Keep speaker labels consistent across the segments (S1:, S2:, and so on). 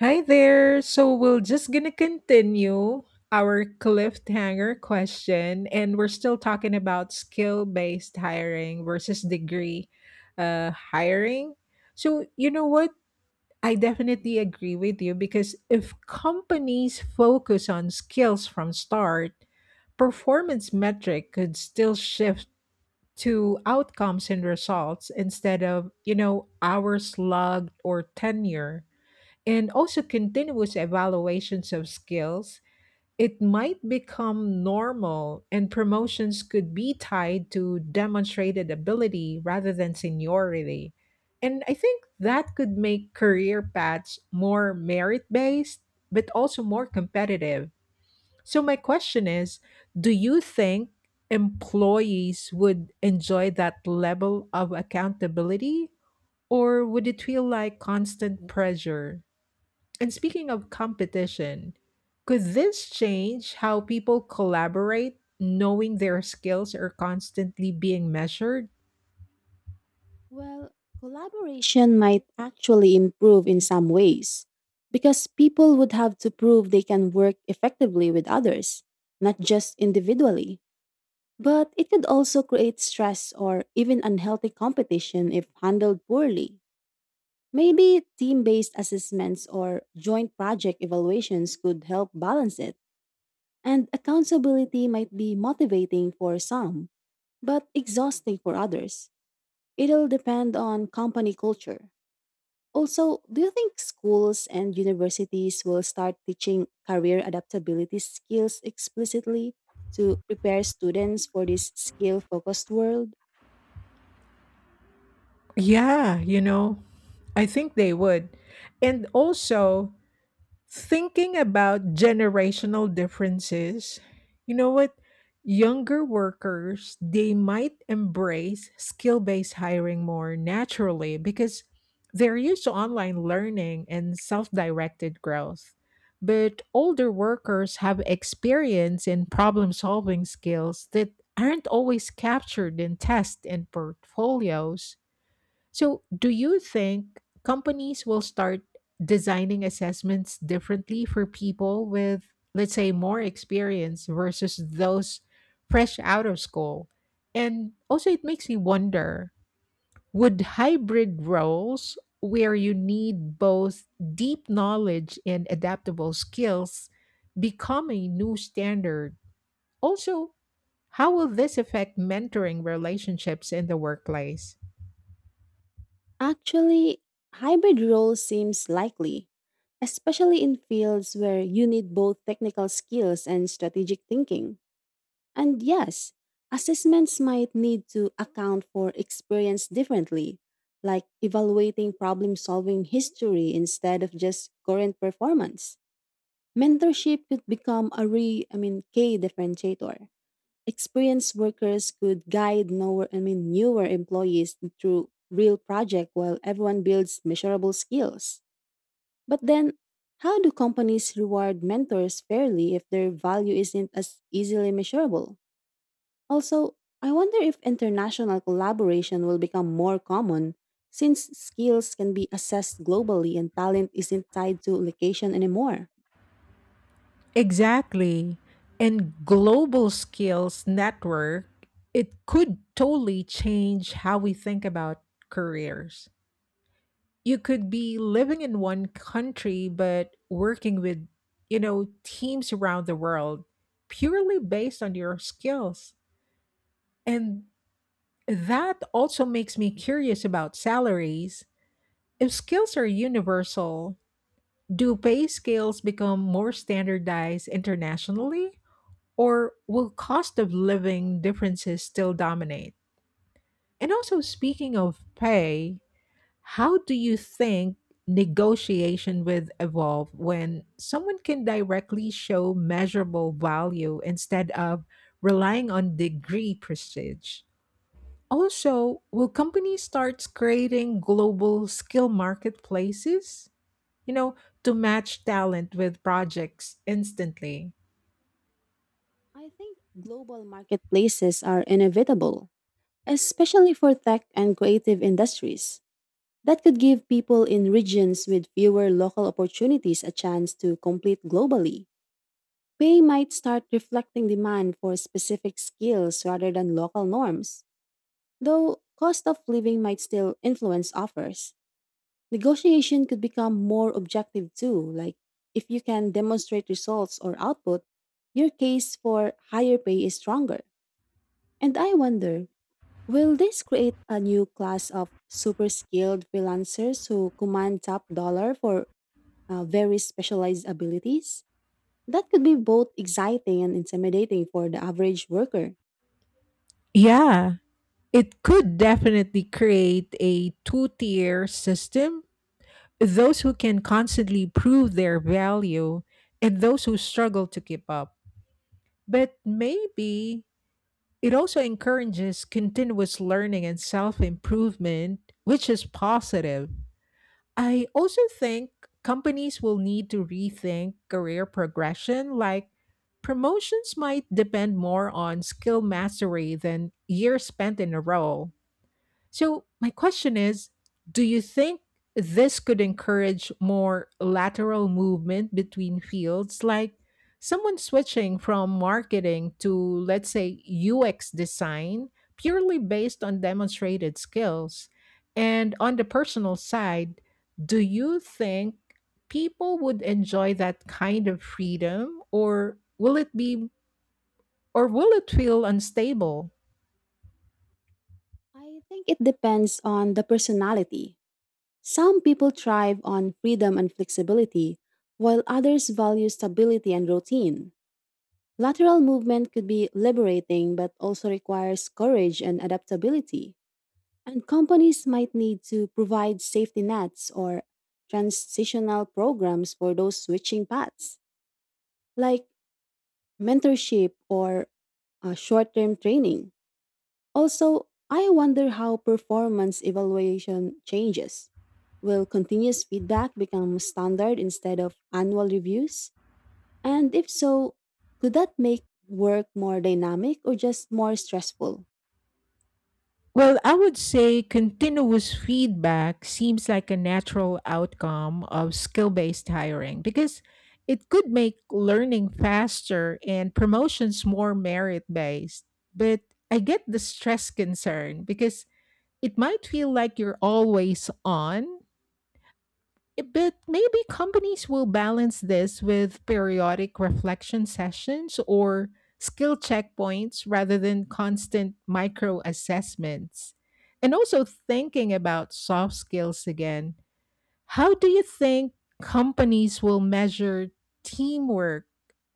S1: Hi there. So we're just gonna continue our cliffhanger question, and we're still talking about skill-based hiring versus degree hiring. So you know what? I definitely agree with you because if companies focus on skills from start, performance metric could still shift to outcomes and results instead of hours logged or tenure, and also continuous evaluations of skills, it might become normal and promotions could be tied to demonstrated ability rather than seniority. And I think that could make career paths more merit based, but also more competitive. So, my question is, do you think employees would enjoy that level of accountability, or would it feel like constant pressure? And speaking of competition, could this change how people collaborate, knowing their skills are constantly being measured?
S2: Well, collaboration might actually improve in some ways because people would have to prove they can work effectively with others, not just individually. But it could also create stress or even unhealthy competition if handled poorly. Maybe team based assessments or joint project evaluations could help balance it, and accountability might be motivating for some, but exhausting for others. It'll depend on company culture. Also, do you think schools and universities will start teaching career adaptability skills explicitly to prepare students for this skill focused world?
S1: Yeah, you know, I think they would. And also, thinking about generational differences, you know what? Younger workers, they might embrace skill based hiring more naturally because they're used to online learning and self directed growth. But older workers have experience in problem solving skills that aren't always captured in tests and portfolios. So, do you think companies will start designing assessments differently for people with, let's say, more experience versus those fresh out of school? And also, it makes me wonder, would hybrid roles where you need both deep knowledge and adaptable skills become a new standard? Also, how will this affect mentoring relationships in the workplace?
S2: Actually, hybrid roles seems likely, especially in fields where you need both technical skills and strategic thinking. And yes, assessments might need to account for experience differently, like evaluating problem solving history instead of just current performance. Mentorship could become a re I mean key differentiator. Experienced workers could guide newer I mean newer employees through real project while everyone builds measurable skills. But then how do companies reward mentors fairly if their value isn't as easily measurable? Also, I wonder if international collaboration will become more common since skills can be assessed globally and talent isn't tied to location anymore.
S1: Exactly. And global skills network, it could totally change how we think about careers. You could be living in one country but working with, you know, teams around the world purely based on your skills. And that also makes me curious about salaries. If skills are universal, do pay scales become more standardized internationally, or will cost of living differences still dominate? And also, speaking of pay, how do you think negotiation with evolve when someone can directly show measurable value instead of relying on degree prestige? Also, will companies start creating global skill marketplaces, you know, to match talent with projects instantly?
S2: I think global marketplaces are inevitable, especially for tech and creative industries. That could give people in regions with fewer local opportunities a chance to compete globally. Pay might start reflecting demand for specific skills rather than local norms, though cost of living might still influence offers. Negotiation could become more objective too, like if you can demonstrate results or output, your case for higher pay is stronger. And I wonder, will this create a new class of super skilled freelancers who command top dollar for very specialized abilities? That could be both exciting and intimidating for the average worker.
S1: Yeah, it could definitely create a two tier system, those who can constantly prove their value and those who struggle to keep up. But maybe it also encourages continuous learning and self improvement, which is positive. I also think companies will need to rethink career progression, like promotions might depend more on skill mastery than years spent in a role. So, my question is, do you think this could encourage more lateral movement between fields, like someone switching from marketing to, let's say, UX design, purely based on demonstrated skills? And on the personal side, do you think people would enjoy that kind of freedom, or will it feel unstable?
S2: I think it depends on the personality. Some people thrive on freedom and flexibility, while others value stability and routine. Lateral movement could be liberating but also requires courage and adaptability. And companies might need to provide safety nets or transitional programs for those switching paths, like mentorship or short term training. Also, I wonder how performance evaluation changes. Will continuous feedback become standard instead of annual reviews? And if so, could that make work more dynamic or just more stressful?
S1: Well, I would say continuous feedback seems like a natural outcome of skill based hiring because it could make learning faster and promotions more merit based. But I get the stress concern because it might feel like you're always on. But maybe companies will balance this with periodic reflection sessions or skill checkpoints rather than constant micro assessments. And also thinking about soft skills again, how do you think companies will measure teamwork,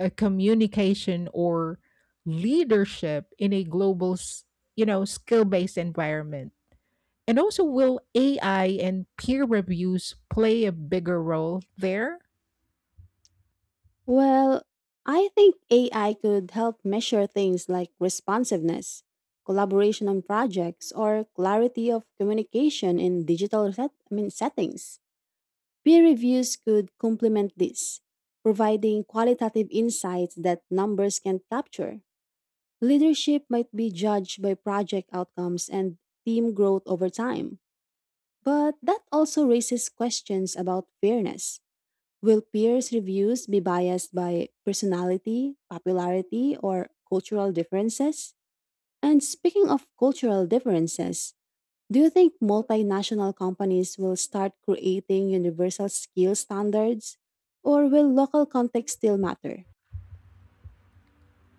S1: communication, or leadership in a global, s- you know, skill-based environment? And also, will AI and peer reviews play a bigger role there?
S2: Well, I think AI could help measure things like responsiveness, collaboration on projects, or clarity of communication in digital settings. Peer reviews could complement this, providing qualitative insights that numbers can't capture. Leadership might be judged by project outcomes and team growth over time. But that also raises questions about fairness. Will peers' reviews be biased by personality, popularity, or cultural differences? And speaking of cultural differences, do you think multinational companies will start creating universal skill standards? Or will local context still matter?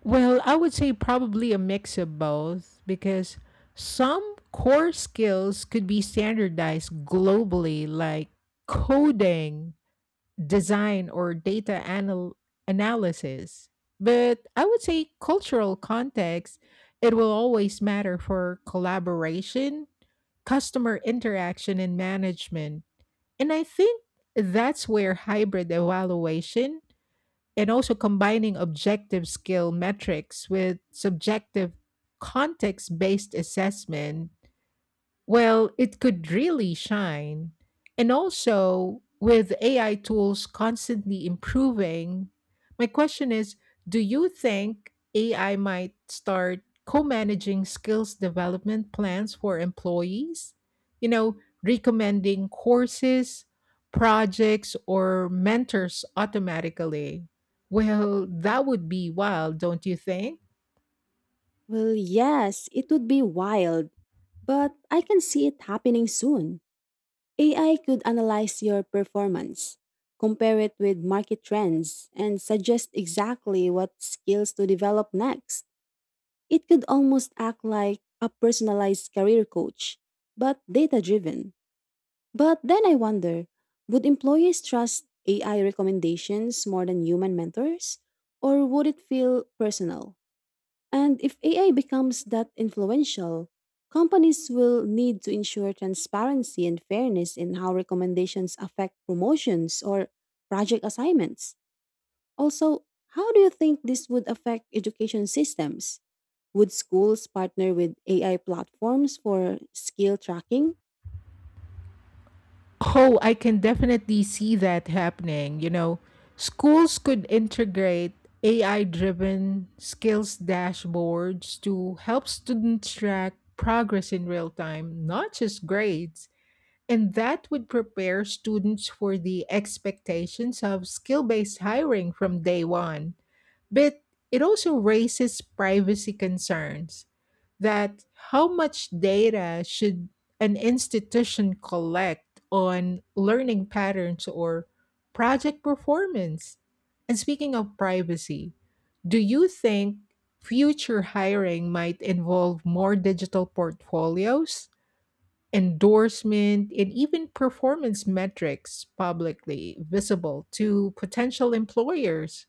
S1: Well, I would say probably a mix of both because some core skills could be standardized globally, like coding, design, or data analysis. But I would say cultural context, it will always matter for collaboration, customer interaction, and management. And I think that's where hybrid evaluation and also combining objective skill metrics with subjective context based assessment, well, it could really shine. And also, with AI tools constantly improving, my question is, do you think AI might start co managing skills development plans for employees? You know, recommending courses, projects, or mentors automatically? Well, that would be wild, don't you think?
S2: Well, yes, it would be wild, but I can see it happening soon. AI could analyze your performance, compare it with market trends, and suggest exactly what skills to develop next. It could almost act like a personalized career coach, but data driven. But then I wonder, would employees trust AI recommendations more than human mentors? Or would it feel personal? And if AI becomes that influential, companies will need to ensure transparency and fairness in how recommendations affect promotions or project assignments. Also, how do you think this would affect education systems? Would schools partner with AI platforms for skill tracking?
S1: Oh, I can definitely see that happening. You know, schools could integrate AI driven skills dashboards to help students track progress in real time, not just grades. And that would prepare students for the expectations of skill based hiring from day one. But it also raises privacy concerns that, how much data should an institution collect on learning patterns or project performance? And speaking of privacy, do you think future hiring might involve more digital portfolios, endorsement, and even performance metrics publicly visible to potential employers?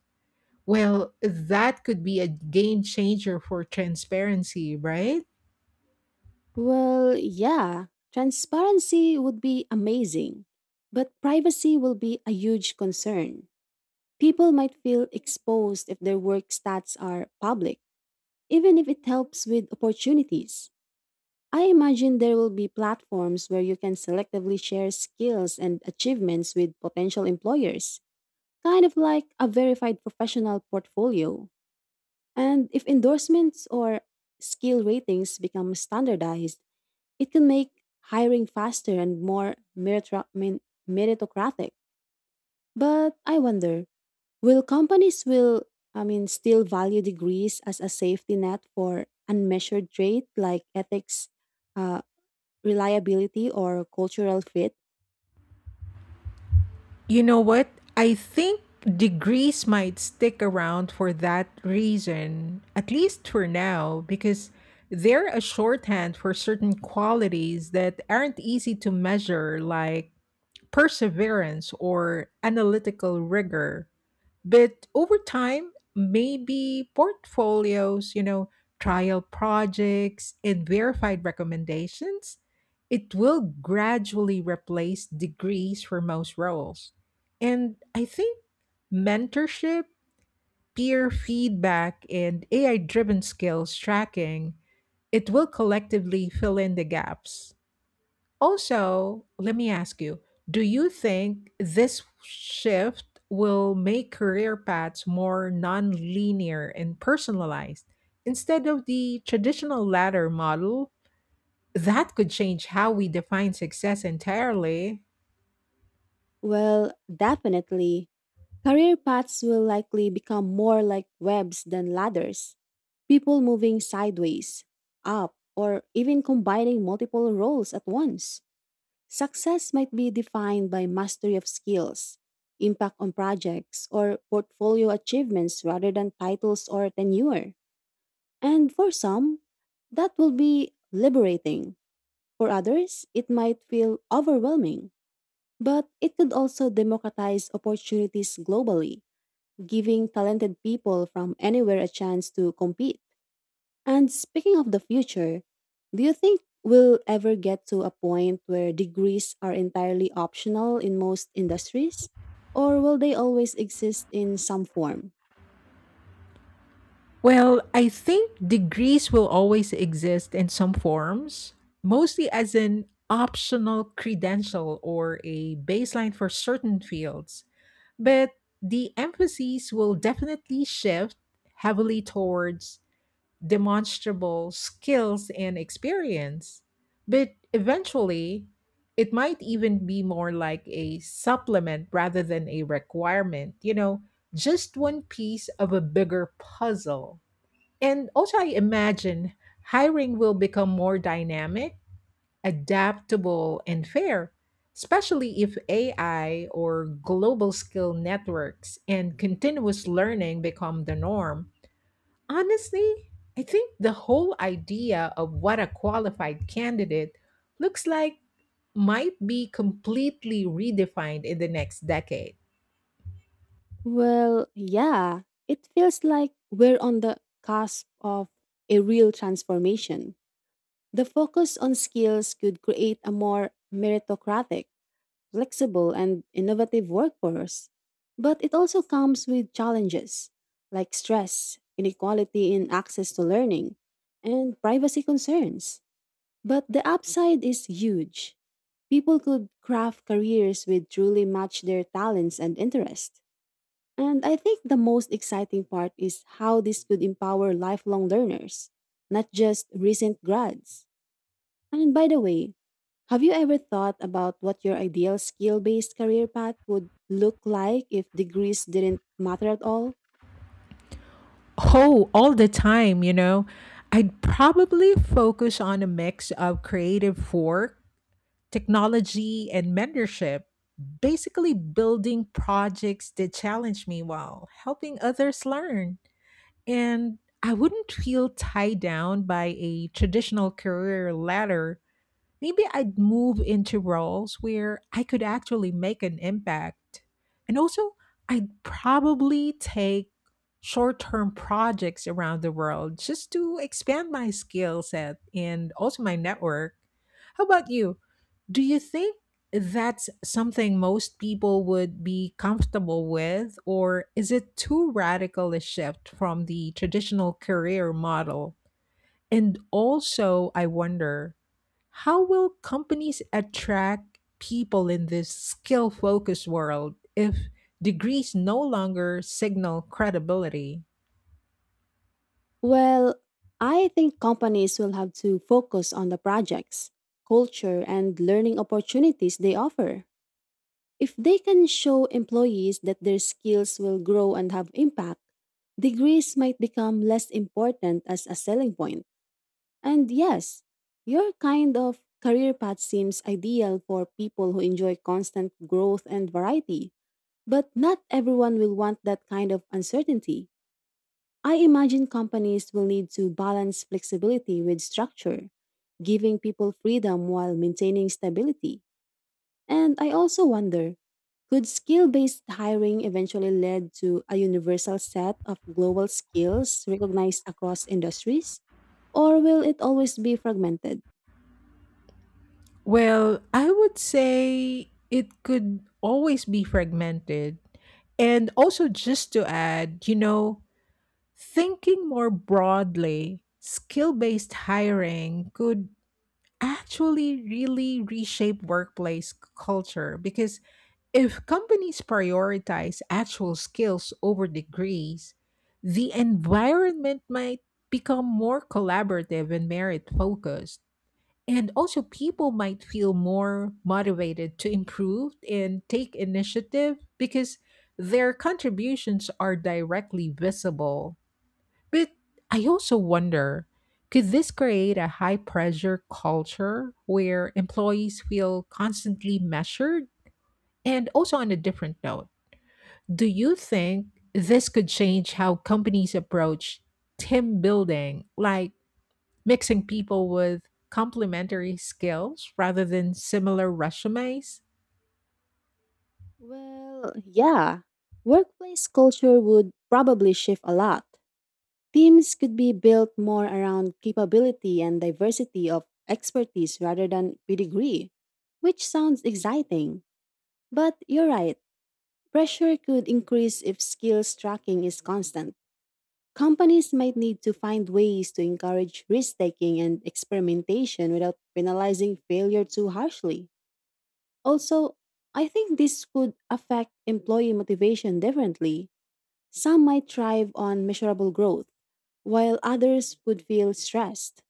S1: Well, that could be a game changer for transparency, right?
S2: Well, yeah, transparency would be amazing, but privacy will be a huge concern. People might feel exposed if their work stats are public, even if it helps with opportunities. I imagine there will be platforms where you can selectively share skills and achievements with potential employers, kind of like a verified professional portfolio. And if endorsements or skill ratings become standardized, it can make hiring faster and more meritocratic. But I wonder, will companies will I mean still value degrees as a safety net for unmeasured trait like ethics, uh, reliability, or cultural fit?
S1: You know what? I think degrees might stick around for that reason, at least for now, because they're a shorthand for certain qualities that aren't easy to measure, like perseverance or analytical rigor. But over time, maybe portfolios, you know, trial projects and verified recommendations, it will gradually replace degrees for most roles. And I think mentorship, peer feedback and AI driven skills tracking, it will collectively fill in the gaps. Also, let me ask you, do you think this shift will make career paths more non-linear and personalized instead of the traditional ladder model? That could change how we define success entirely.
S2: Well, definitely. Career paths will likely become more like webs than ladders. People moving sideways, up, or even combining multiple roles at once. Success might be defined by mastery of skills, impact on projects, or portfolio achievements rather than titles or tenure. And for some, that will be liberating. For others, it might feel overwhelming. But it could also democratize opportunities globally, giving talented people from anywhere a chance to compete. And speaking of the future, do you think we'll ever get to a point where degrees are entirely optional in most industries? Or will they always exist in some form?
S1: Well, I think degrees will always exist in some forms, mostly as an optional credential or a baseline for certain fields. But the emphasis will definitely shift heavily towards demonstrable skills and experience. But eventually, it might even be more like a supplement rather than a requirement, you know, just one piece of a bigger puzzle. And also, I imagine hiring will become more dynamic, adaptable, and fair, especially if AI or global skill networks and continuous learning become the norm. Honestly, I think the whole idea of what a qualified candidate looks like might be completely redefined in the next decade.
S2: Well, yeah, it feels like we're on the cusp of a real transformation. The focus on skills could create a more meritocratic, flexible, and innovative workforce. But it also comes with challenges like stress, inequality in access to learning, and privacy concerns. But the upside is huge. People could craft careers which truly match their talents and interests. And I think the most exciting part is how this could empower lifelong learners, not just recent grads. And by the way, have you ever thought about what your ideal skill based career path would look like if degrees didn't matter at all?
S1: Oh, all the time, you know. I'd probably focus on a mix of creative work, technology and mentorship, basically building projects that challenge me while helping others learn. And I wouldn't feel tied down by a traditional career ladder. Maybe I'd move into roles where I could actually make an impact. And also, I'd probably take short term projects around the world just to expand my skill set and also my network. How about you? Do you think that's something most people would be comfortable with, or is it too radical a shift from the traditional career model? And also, I wonder, how will companies attract people in this skill focused world if degrees no longer signal credibility?
S2: Well, I think companies will have to focus on the projects, culture, and learning opportunities they offer. If they can show employees that their skills will grow and have impact, degrees might become less important as a selling point. And yes, your kind of career path seems ideal for people who enjoy constant growth and variety, but not everyone will want that kind of uncertainty. I imagine companies will need to balance flexibility with structure, giving people freedom while maintaining stability. And I also wonder, could skill based hiring eventually lead to a universal set of global skills recognized across industries? Or will it always be fragmented?
S1: Well, I would say it could always be fragmented. And also, just to add, you know, thinking more broadly, skill based hiring could actually really reshape workplace culture because if companies prioritize actual skills over degrees, the environment might become more collaborative and merit focused. And also, people might feel more motivated to improve and take initiative because their contributions are directly visible. But I also wonder, could this create a high pressure culture where employees feel constantly measured? And also, on a different note, do you think this could change how companies approach team building, like mixing people with complementary skills rather than similar resumes?
S2: Well, yeah. Workplace culture would probably shift a lot. Teams could be built more around capability and diversity of expertise rather than pedigree, which sounds exciting. But you're right, pressure could increase if skills tracking is constant. Companies might need to find ways to encourage risk taking and experimentation without penalizing failure too harshly. Also, I think this could affect employee motivation differently. Some might thrive on measurable growth, while others would feel stressed.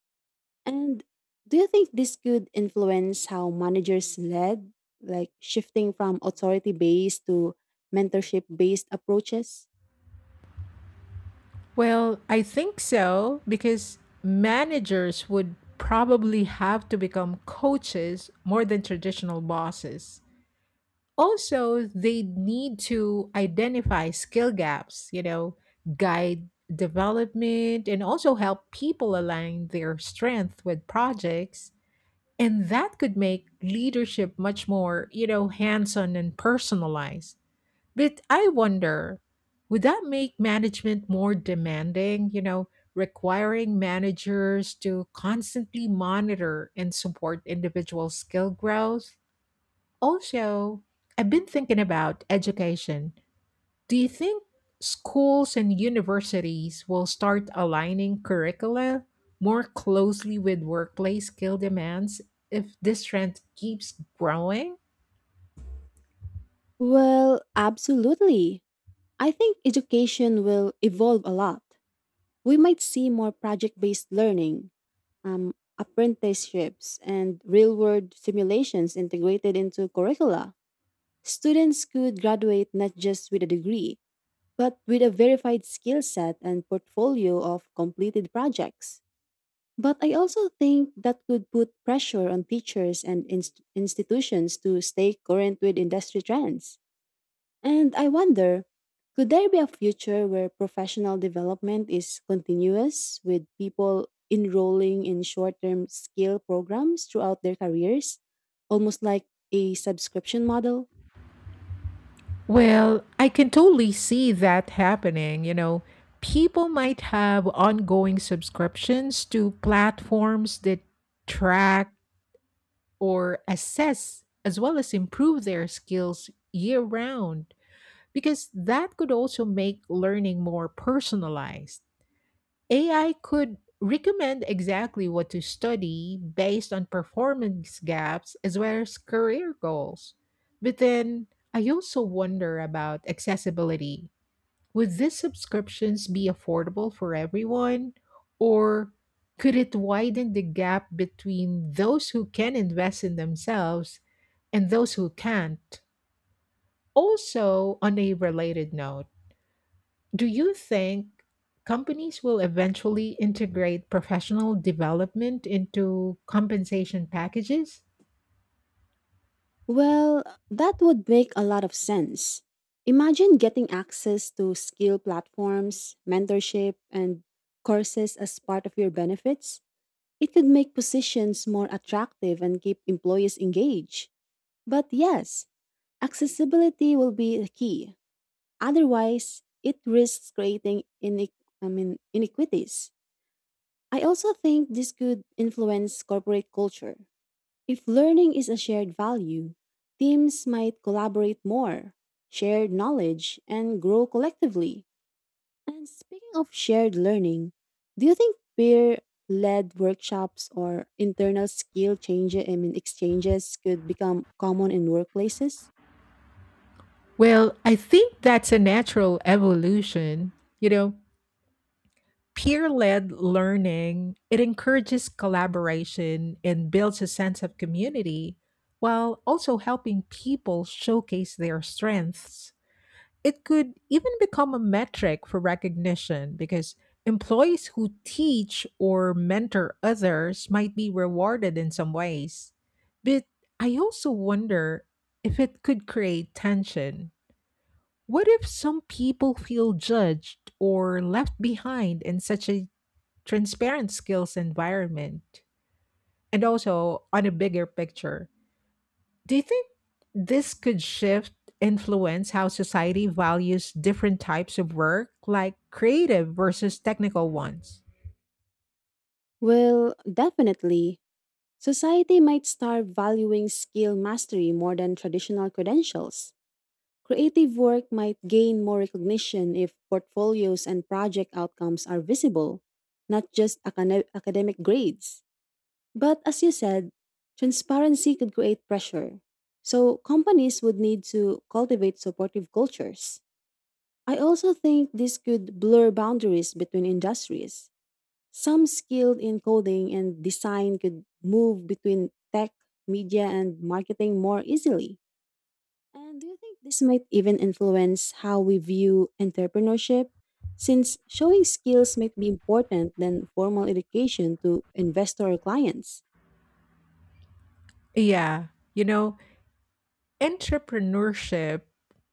S2: And do you think this could influence how managers led, like shifting from authority based to mentorship based approaches?
S1: Well, I think so because managers would probably have to become coaches more than traditional bosses. Also, they need to identify skill gaps, you know, guide development, and also help people align their strength with projects. And that could make leadership much more, you know, hands on and personalized. But I wonder, would that make management more demanding, you know, requiring managers to constantly monitor and support individual skill growth? Also, I've been thinking about education. Do you think schools and universities will start aligning curricula more closely with workplace skill demands if this trend keeps growing?
S2: Well, absolutely. I think education will evolve a lot. We might see more project based learning, um, apprenticeships, and real world simulations integrated into curricula. Students could graduate not just with a degree, but with a verified skill set and portfolio of completed projects. But I also think that could put pressure on teachers and institutions to stay current with industry trends. And I wonder, could there be a future where professional development is continuous with people enrolling in short term skill programs throughout their careers, almost like a subscription model?
S1: Well, I can totally see that happening. You know, people might have ongoing subscriptions to platforms that track or assess as well as improve their skills year round because that could also make learning more personalized. AI could recommend exactly what to study based on performance gaps as well as career goals. But then I also wonder about accessibility. Would these subscriptions be affordable for everyone, or could it widen the gap between those who can invest in themselves and those who can't? Also, on a related note, do you think companies will eventually integrate professional development into compensation packages?
S2: Well, that would make a lot of sense. Imagine getting access to skill platforms, mentorship, and courses as part of your benefits. It could make positions more attractive and keep employees engaged. But yes, accessibility will be the key. Otherwise, it risks creating inequities. I also think this could influence corporate culture. If learning is a shared value, teams might collaborate more, share knowledge, and grow collectively. And speaking of shared learning, do you think peer led workshops or internal skill exchanges could become common in workplaces?
S1: Well, I think that's a natural evolution. You know, peer-led learning, it encourages collaboration and builds a sense of community while also helping people showcase their strengths. It could even become a metric for recognition because employees who teach or mentor others might be rewarded in some ways. But I also wonder if it could create tension. What if some people feel judged or left behind in such a transparent skills environment? And also on a bigger picture, do you think this could shift influence how society values different types of work, like creative versus technical ones?
S2: Well, definitely. Society might start valuing skill mastery more than traditional credentials. Creative work might gain more recognition if portfolios and project outcomes are visible, not just academic grades. But as you said, transparency could create pressure. So companies would need to cultivate supportive cultures. I also think this could blur boundaries between industries. Some skilled in coding and design could move between tech, media, and marketing more easily. And do you think this might even influence how we view entrepreneurship? Since showing skills might be important than formal education to investor or clients?
S1: Yeah, you know, entrepreneurship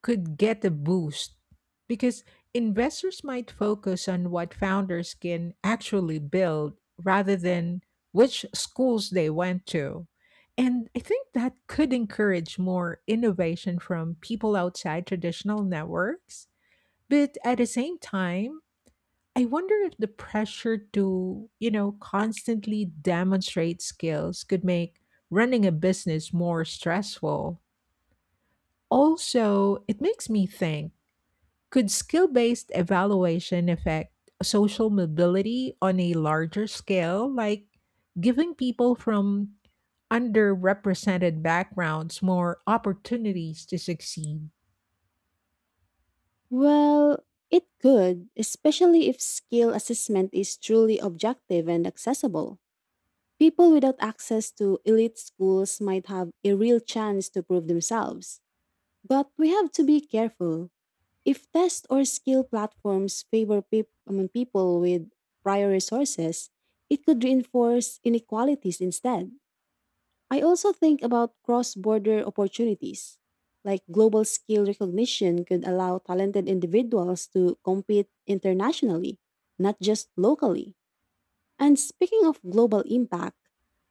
S1: could get a boost because investors might focus on what founders can actually build rather than which schools they went to. And I think that could encourage more innovation from people outside traditional networks. But at the same time, I wonder if the pressure to, you know, constantly demonstrate skills could make running a business more stressful. Also, it makes me think, could skill based evaluation affect social mobility on a larger scale, like giving people from underrepresented backgrounds more opportunities to succeed?
S2: Well, it could, especially if skill assessment is truly objective and accessible. People without access to elite schools might have a real chance to prove themselves. But we have to be careful. If test or skill platforms favor people with prior resources, it could reinforce inequalities instead. I also think about cross border opportunities. Like global skill recognition could allow talented individuals to compete internationally, not just locally. And speaking of global impact,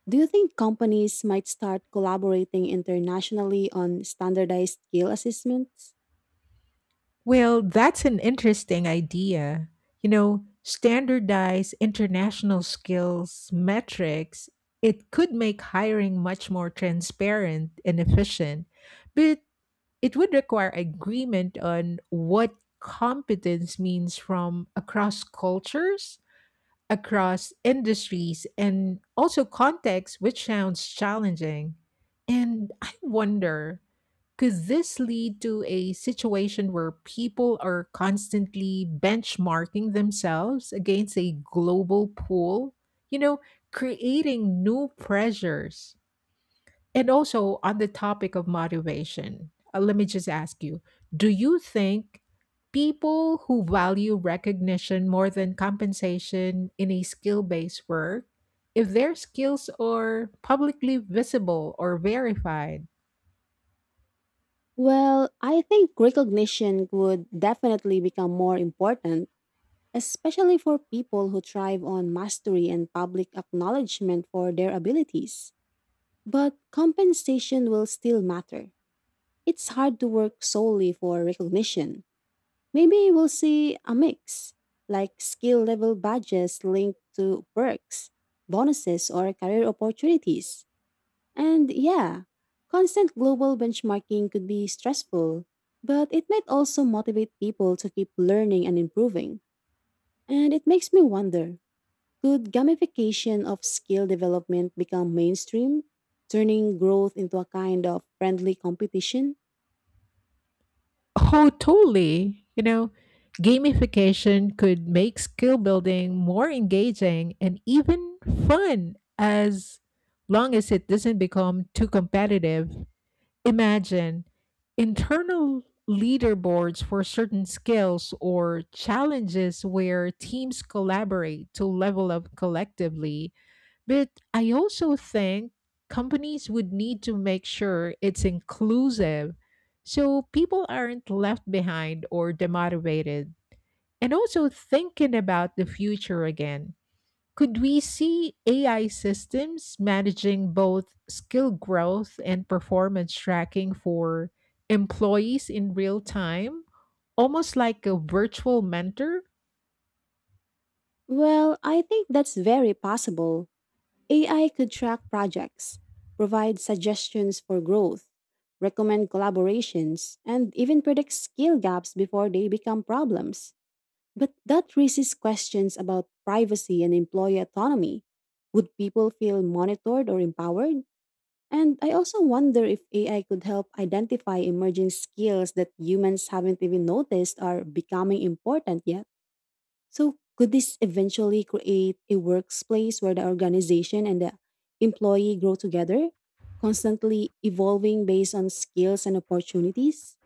S2: do you think companies might start collaborating internationally on standardized skill assessments?
S1: Well, that's an interesting idea. You know, standardize international skills metrics, it could make hiring much more transparent and efficient, but it would require agreement on what competence means from across cultures, across industries, and also contexts, which sounds challenging. And I wonder, could this lead to a situation where people are constantly benchmarking themselves against a global pool? You know, creating new pressures. And also on the topic of motivation, let me just ask you, do you think people who value recognition more than compensation in a skill based work, if their skills are publicly visible or verified?
S2: Well, I think recognition would definitely become more important, especially for people who thrive on mastery and public acknowledgement for their abilities. But compensation will still matter. It's hard to work solely for recognition. Maybe we'll see a mix, like skill level badges linked to perks, bonuses, or career opportunities. And yeah, constant global benchmarking could be stressful, but it might also motivate people to keep learning and improving. And it makes me wonder, could gamification of skill development become mainstream, turning growth into a kind of friendly competition?
S1: Oh, totally. You know, gamification could make skill building more engaging and even fun as long as it doesn't become too competitive. Imagine internal leaderboards for certain skills or challenges where teams collaborate to level up collectively. But I also think companies would need to make sure it's inclusive so people aren't left behind or demotivated. And also thinking about the future again. Could we see AI systems managing both skill growth and performance tracking for employees in real time, almost like a virtual mentor?
S2: Well, I think that's very possible. AI could track projects, provide suggestions for growth, recommend collaborations, and even predict skill gaps before they become problems. But that raises questions about privacy and employee autonomy. Would people feel monitored or empowered? And I also wonder if AI could help identify emerging skills that humans haven't even noticed are becoming important yet. So, could this eventually create a workplace where the organization and the employee grow together, constantly evolving based on skills and opportunities?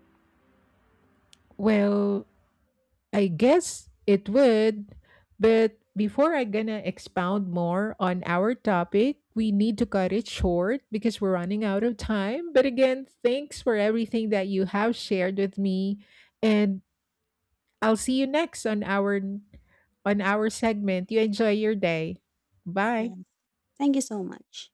S1: Well, I guess it would, but before I gonna expound more on our topic, we need to cut it short because we're running out of time. But again, thanks for everything that you have shared with me, and I'll see you next on our segment. You enjoy your day. Bye.
S2: Yeah. Thank you so much.